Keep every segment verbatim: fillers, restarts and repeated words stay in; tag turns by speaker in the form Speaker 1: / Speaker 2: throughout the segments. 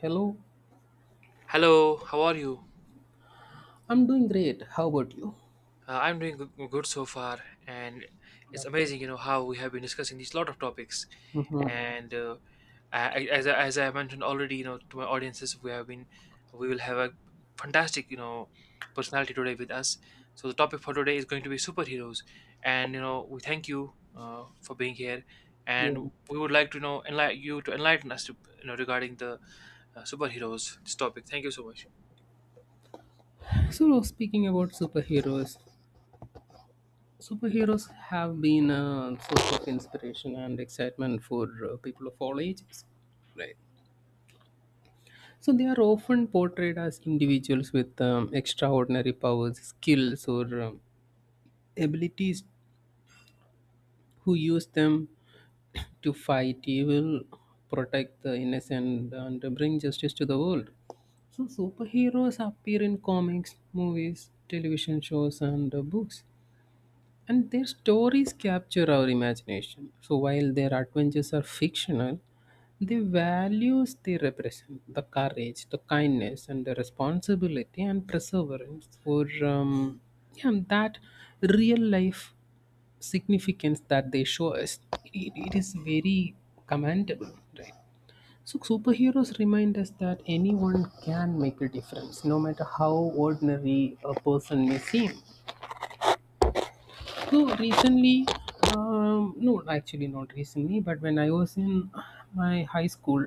Speaker 1: Hello,
Speaker 2: Hello, how are you?
Speaker 1: I'm doing great. How about you?
Speaker 2: Uh, I'm doing goo- good so far, and it's
Speaker 1: That's
Speaker 2: amazing, you know, how we have been discussing these lot of topics.
Speaker 1: the, Mhm.
Speaker 2: And uh, I, I- as I, as I mentioned already, you know, to my audiences, we have been, we will have a fantastic, you know, personality today with us. So the topic for today is going to be superheroes, and you know, we thank you uh, for being here,
Speaker 1: Yeah.
Speaker 2: and we would like to you know enlighten you to enlighten us to you know regarding the uh, superheroes this topic. Thank you so much.
Speaker 1: So speaking about superheroes, superheroes have been a source of inspiration and excitement for uh, people of all ages, right? So they are often portrayed as individuals with um, extraordinary powers, skills, or um, abilities who use them to fight evil, protect the innocent, and bring justice to the world. So, superheroes appear in comics, movies, television shows, and uh, books. And their stories capture our imagination. So, while their adventures are fictional, the values they represent, the courage, the kindness, and the responsibility and perseverance for um, yeah, that real life significance that they show us, it, it is very commendable, right? So superheroes remind us that anyone can make a difference no matter how ordinary a person may seem. So recently, um, no, actually not recently, but when I was in my high school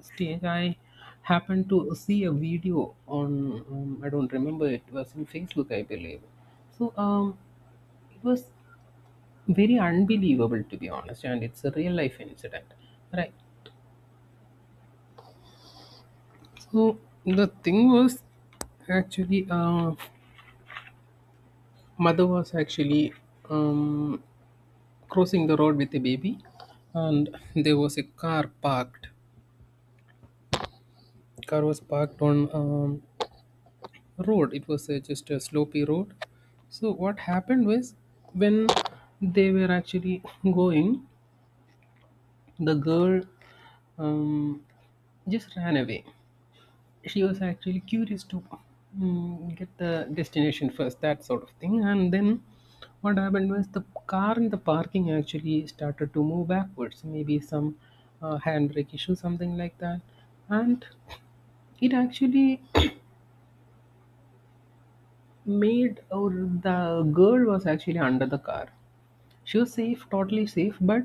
Speaker 1: stage, I happened to see a video on, um, I don't remember, it was in Facebook, I believe. So um, it was very unbelievable, to be honest, and it's a real life incident, right? So the thing was, actually, uh, mother was actually, um, crossing the road with the baby, and there was a car parked, car was parked on, um, road, it was uh, just a slopy road. So what happened was, when they were actually going, the girl, um, just ran away. She was actually curious to mm, get the destination first, that sort of thing. And then what happened was the car in the parking actually started to move backwards, maybe some uh, handbrake issue, something like that. And it actually made, or the girl was actually under the car. She was safe, totally safe, but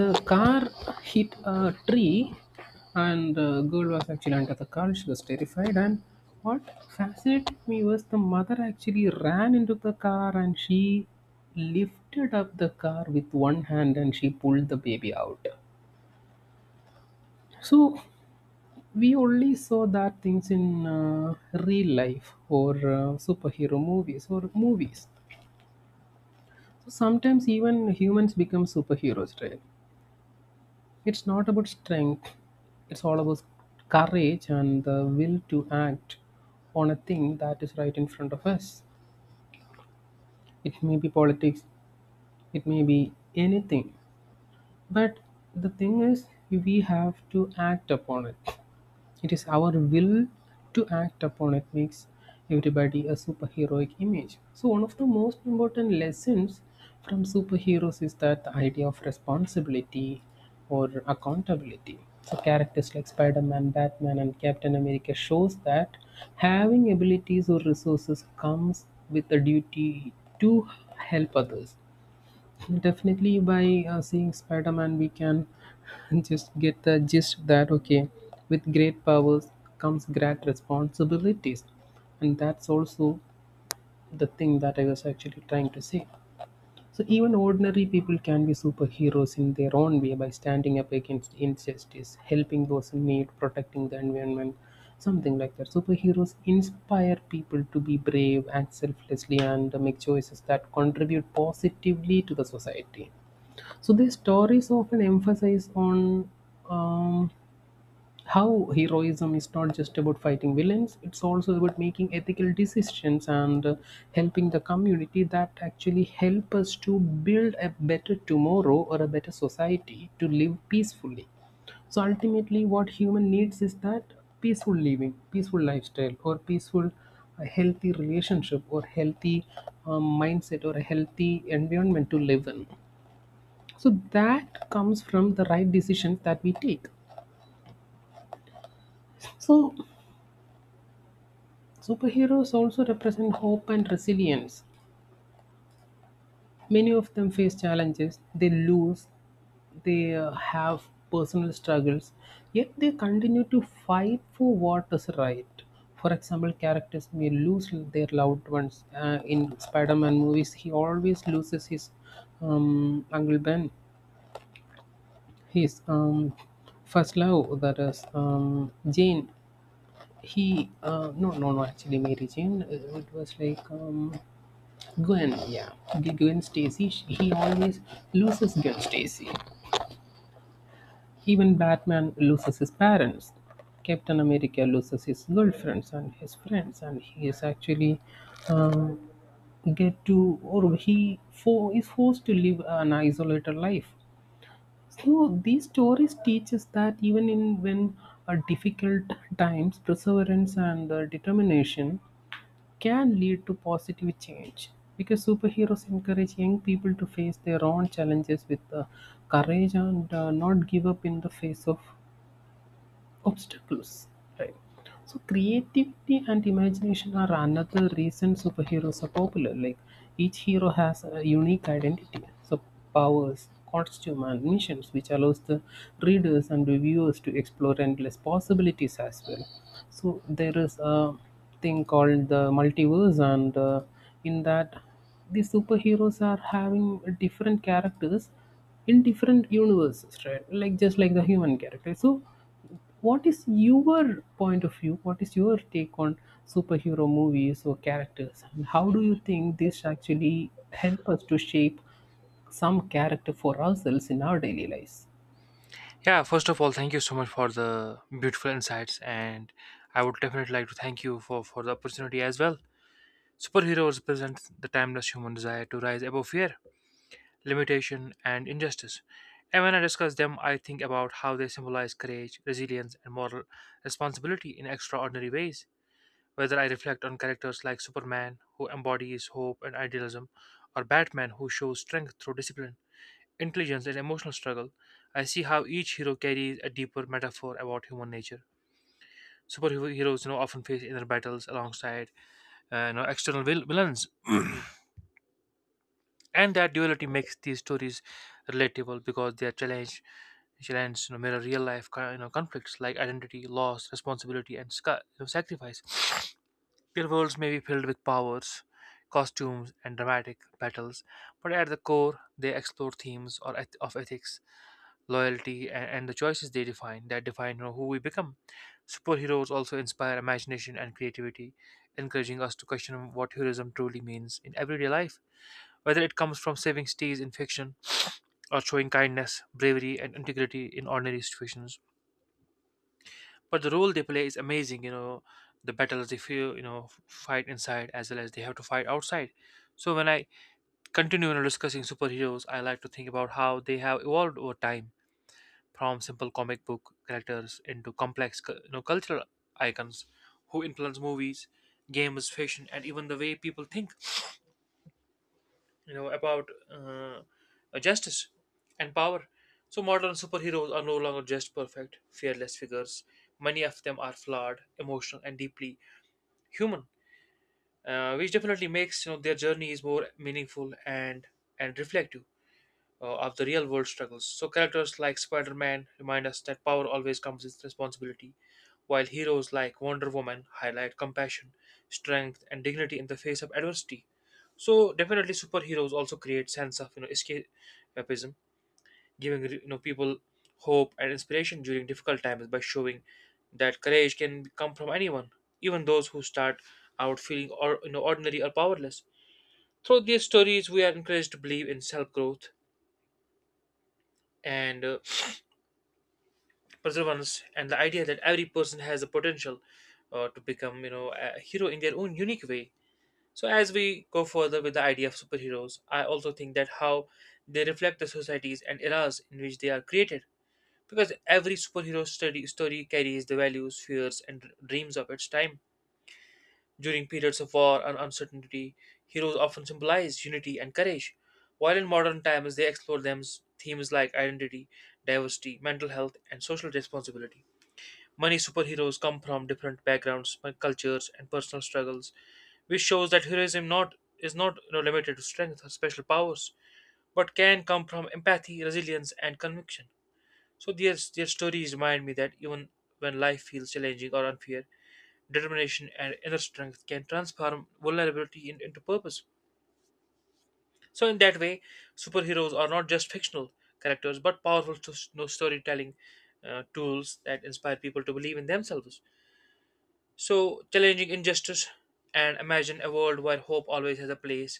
Speaker 1: the car hit a tree and the girl was actually under the car, she was terrified. And what fascinated me was the mother actually ran into the car and she lifted up the car with one hand and she pulled the baby out. So we only saw that things in uh, real life or uh, superhero movies or movies. So sometimes even humans become superheroes, right? It's not about strength, it's all about courage and the will to act on a thing that is right in front of us. It may be politics, it may be anything. But the thing is, we have to act upon it. It is our will to act upon it makes everybody a superheroic image. So one of the most important lessons from superheroes is that the idea of responsibility or accountability. So characters like Spider-Man, Batman, and Captain America shows that having abilities or resources comes with a duty to help others. Definitely, by uh, seeing Spider Man, we can just get the gist that okay, with great powers comes great responsibilities, and that's also the thing that I was actually trying to say. So, even ordinary people can be superheroes in their own way by standing up against injustice, helping those in need, protecting the environment, something like that. Superheroes inspire people to be brave and selflessly and make choices that contribute positively to the society. So these stories often emphasize on um, how heroism is not just about fighting villains; it's also about making ethical decisions and uh, helping the community, that actually help us to build a better tomorrow or a better society to live peacefully. So ultimately, what human needs is that peaceful living, peaceful lifestyle, or peaceful, a healthy relationship, or healthy um, mindset, or a healthy environment to live in. So that comes from the right decisions that we take. So superheroes also represent hope and resilience. Many of them face challenges, they lose, they uh, have personal struggles, yet they continue to fight for what is right. For example, characters may lose their loved ones. Uh, in Spider Man movies, he always loses his um, Uncle Ben, his um, first love, that is um, Jane. He, uh, no, no, no, actually, Mary Jane, uh, it was like um, Gwen, yeah. The Gwen Stacy, sh- he always loses Gwen Stacy. Even Batman loses his parents. Captain America loses his girlfriends and his friends, and he is actually um, get to, or he for, is forced to live an isolated life. So these stories teach us that even in when uh, difficult times, perseverance and uh, determination can lead to positive change, because superheroes encourage young people to face their own challenges with uh, courage and uh, not give up in the face of obstacles. Right. So creativity and imagination are another reason superheroes are popular. Like each hero has a unique identity, so powers, costume, and missions, which allows the readers and the viewers to explore endless possibilities as well. So there is a thing called the multiverse, and uh, in that, the superheroes are having different characters in different universes, right? Like just like the human character. So what is your point of view? What is your take on superhero movies or characters? And how do you think this actually help us to shape some character for ourselves in our daily lives?
Speaker 2: Yeah, first of all, thank you so much for the beautiful insights, and I would definitely like to thank you for, for the opportunity as well. Superheroes present the timeless human desire to rise above fear, limitation, and injustice. And when I discuss them, I think about how they symbolize courage, resilience, and moral responsibility in extraordinary ways. Whether I reflect on characters like Superman, who embodies hope and idealism, or Batman, who shows strength through discipline intelligence, and emotional struggle. I see how each hero carries a deeper metaphor about human nature. Superheroes, you know, often face inner battles alongside, uh, you know, external vil- villains, and that duality makes these stories relatable because they are challenged, challenged, you know, mirror real life, co- you know, conflicts like identity, loss, responsibility, and sca- you know, sacrifice. Their worlds may be filled with powers, costumes, and dramatic battles, but at the core, they explore themes or eth- of ethics loyalty, and, and the choices they define that define you know, who we become. Superheroes also inspire imagination and creativity, encouraging us to question what heroism truly means in everyday life. Whether it comes from saving cities in fiction or showing kindness, bravery, and integrity in ordinary situations. But the role they play is amazing, you know, the battles they feel, you know, fight inside as well as they have to fight outside. So when I continue you know, discussing superheroes, I like to think about how they have evolved over time from simple comic book characters into complex cu- you know, cultural icons who influence movies, games, fashion, and even the way people think you know about uh, justice and power. So modern superheroes are no longer just perfect, fearless figures. Many of them are flawed, emotional, and deeply human, uh, which definitely makes you know their journeys more meaningful and and reflective uh, of the real world struggles. So characters like Spider-Man remind us that power always comes with responsibility, while heroes like Wonder Woman highlight compassion, strength, and dignity in the face of adversity. So definitely, superheroes also create sense of you know escapism, giving you know people hope and inspiration during difficult times by showing that courage can come from anyone, even those who start out feeling or you know ordinary or powerless. Through these stories, we are encouraged to believe in self growth and uh, perseverance, and the idea that every person has the potential uh, to become you know a hero in their own unique way. So, as we go further with the idea of superheroes, I also think that how they reflect the societies and eras in which they are created. Because every superhero study, story carries the values, fears, and dr- dreams of its time. During periods of war and uncertainty, heroes often symbolize unity and courage, while in modern times they explore them themes like identity, diversity, mental health, and social responsibility. Many superheroes come from different backgrounds, my cultures, and personal struggles, which shows that heroism not is not you know, limited to strength or special powers, but can come from empathy, resilience, and conviction. So their their stories remind me that even when life feels challenging or unfair, determination and inner strength can transform vulnerability in- into purpose. So, in that way, superheroes are not just fictional characters but powerful to, you know, storytelling uh, tools that inspire people to believe in themselves, so challenging injustice and imagine a world where hope always has a place.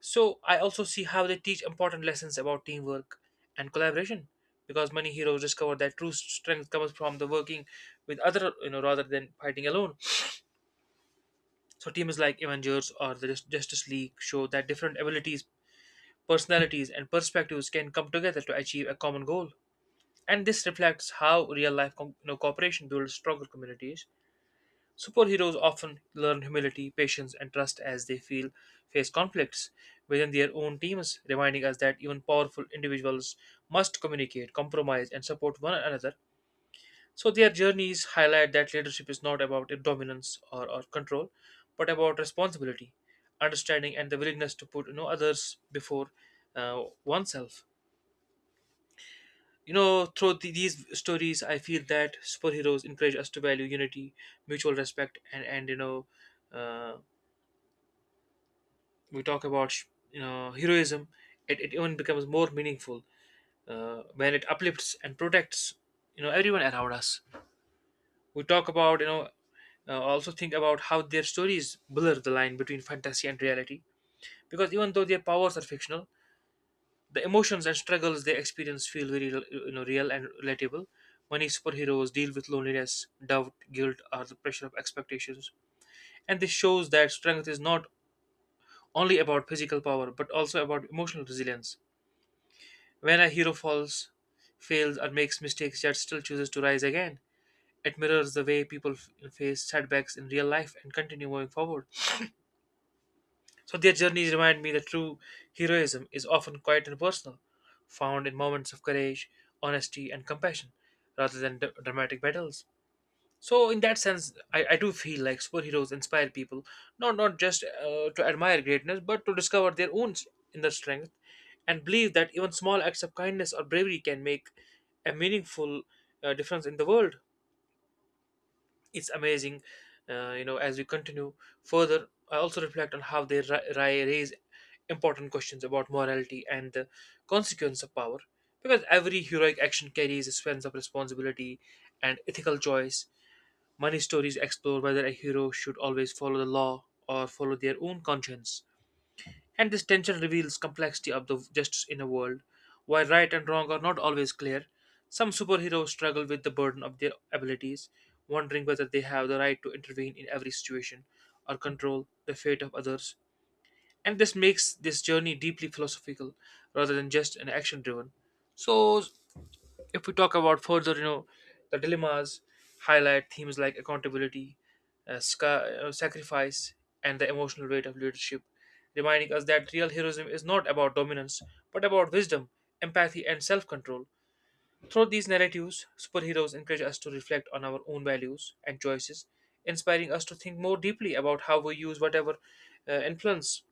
Speaker 2: So I also see how they teach important lessons about teamwork and collaboration because many heroes discover that true strength comes from the working with other you know rather than fighting alone. So teams like Avengers or the Jus- justice League show that different abilities personalities and perspectives can come together to achieve a common goal, and this reflects how real life com- you know, cooperation builds stronger communities. Superheroes often learn humility, patience, and trust as they feel face conflicts within their own teams, reminding us that even powerful individuals must communicate, compromise, and support one another. So their journeys highlight that leadership is not about dominance or, or control, but about responsibility, understanding, and the willingness to put you know others before uh, oneself. You know, through the, these stories, I feel that superheroes encourage us to value unity, mutual respect, and and you know. Uh, we talk about sh- you know heroism it, it even becomes more meaningful uh, when it uplifts and protects you know everyone around us. We talk about you know uh, also think about how their stories blur the line between fantasy and reality because even though their powers are fictional the emotions and struggles they experience feel very you know real and relatable. Many superheroes deal with loneliness doubt guilt or the pressure of expectations and this shows that strength is not only about physical power but also about emotional resilience. When a hero falls, fails, or makes mistakes yet still chooses to rise again, it mirrors the way people f- face setbacks in real life and continue moving forward. So their journeys remind me that true heroism is often quiet and personal, found in moments of courage, honesty, and compassion, rather than d- dramatic battles. So in that sense, I, I do feel like superheroes inspire people not not just uh, to admire greatness, but to discover their own s- inner strength and believe that even small acts of kindness or bravery can make a meaningful uh, difference in the world. It's amazing, uh, you know. As we continue further, I also reflect on how they ri- ri- raise important questions about morality and the consequence of power, because every heroic action carries a sense of responsibility and ethical choice. Money stories explore whether a hero should always follow the law or follow their own conscience. And this tension reveals complexity of the justice in a world where right and wrong are not always clear. Some superheroes struggle with the burden of their abilities, wondering whether they have the right to intervene in every situation or control the fate of others. And this makes this journey deeply philosophical rather than just an action driven. So if we talk about further, you know, the dilemmas highlight themes like accountability, uh, sca- uh, sacrifice, and the emotional weight of leadership, reminding us that real heroism is not about dominance but about wisdom, empathy, and self control. Through these narratives, superheroes encourage us to reflect on our own values and choices, inspiring us to think more deeply about how we use whatever uh, influence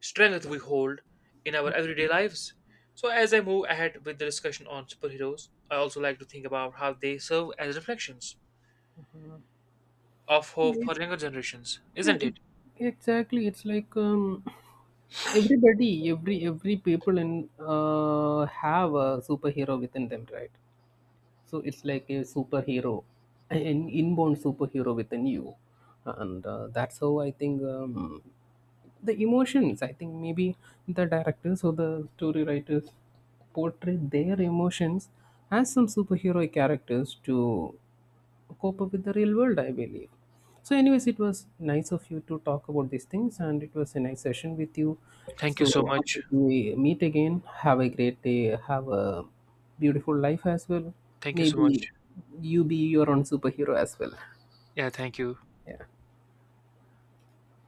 Speaker 2: strength we hold in our everyday lives. So, as I move ahead with the discussion on superheroes, I also like to think about how they serve as reflections of hope
Speaker 1: It,
Speaker 2: for younger generations, isn't
Speaker 1: it,
Speaker 2: it?
Speaker 1: exactly. It's like um, everybody, every every people in uh, have a superhero within them, right? So it's like a superhero, an inborn superhero within you. And uh, that's how I think um, the emotions, I think maybe the directors or the story writers portray their emotions as some superhero characters to cope up with the real world, I believe. So, anyways, it was nice of you to talk about these things, and it was a nice session with you.
Speaker 2: Thank you so
Speaker 1: So,
Speaker 2: much.
Speaker 1: until we meet again, have a great day, have a beautiful life as well.
Speaker 2: Thank you so
Speaker 1: Maybe
Speaker 2: much.
Speaker 1: you be your own superhero as well.
Speaker 2: Yeah, thank you.
Speaker 1: Yeah.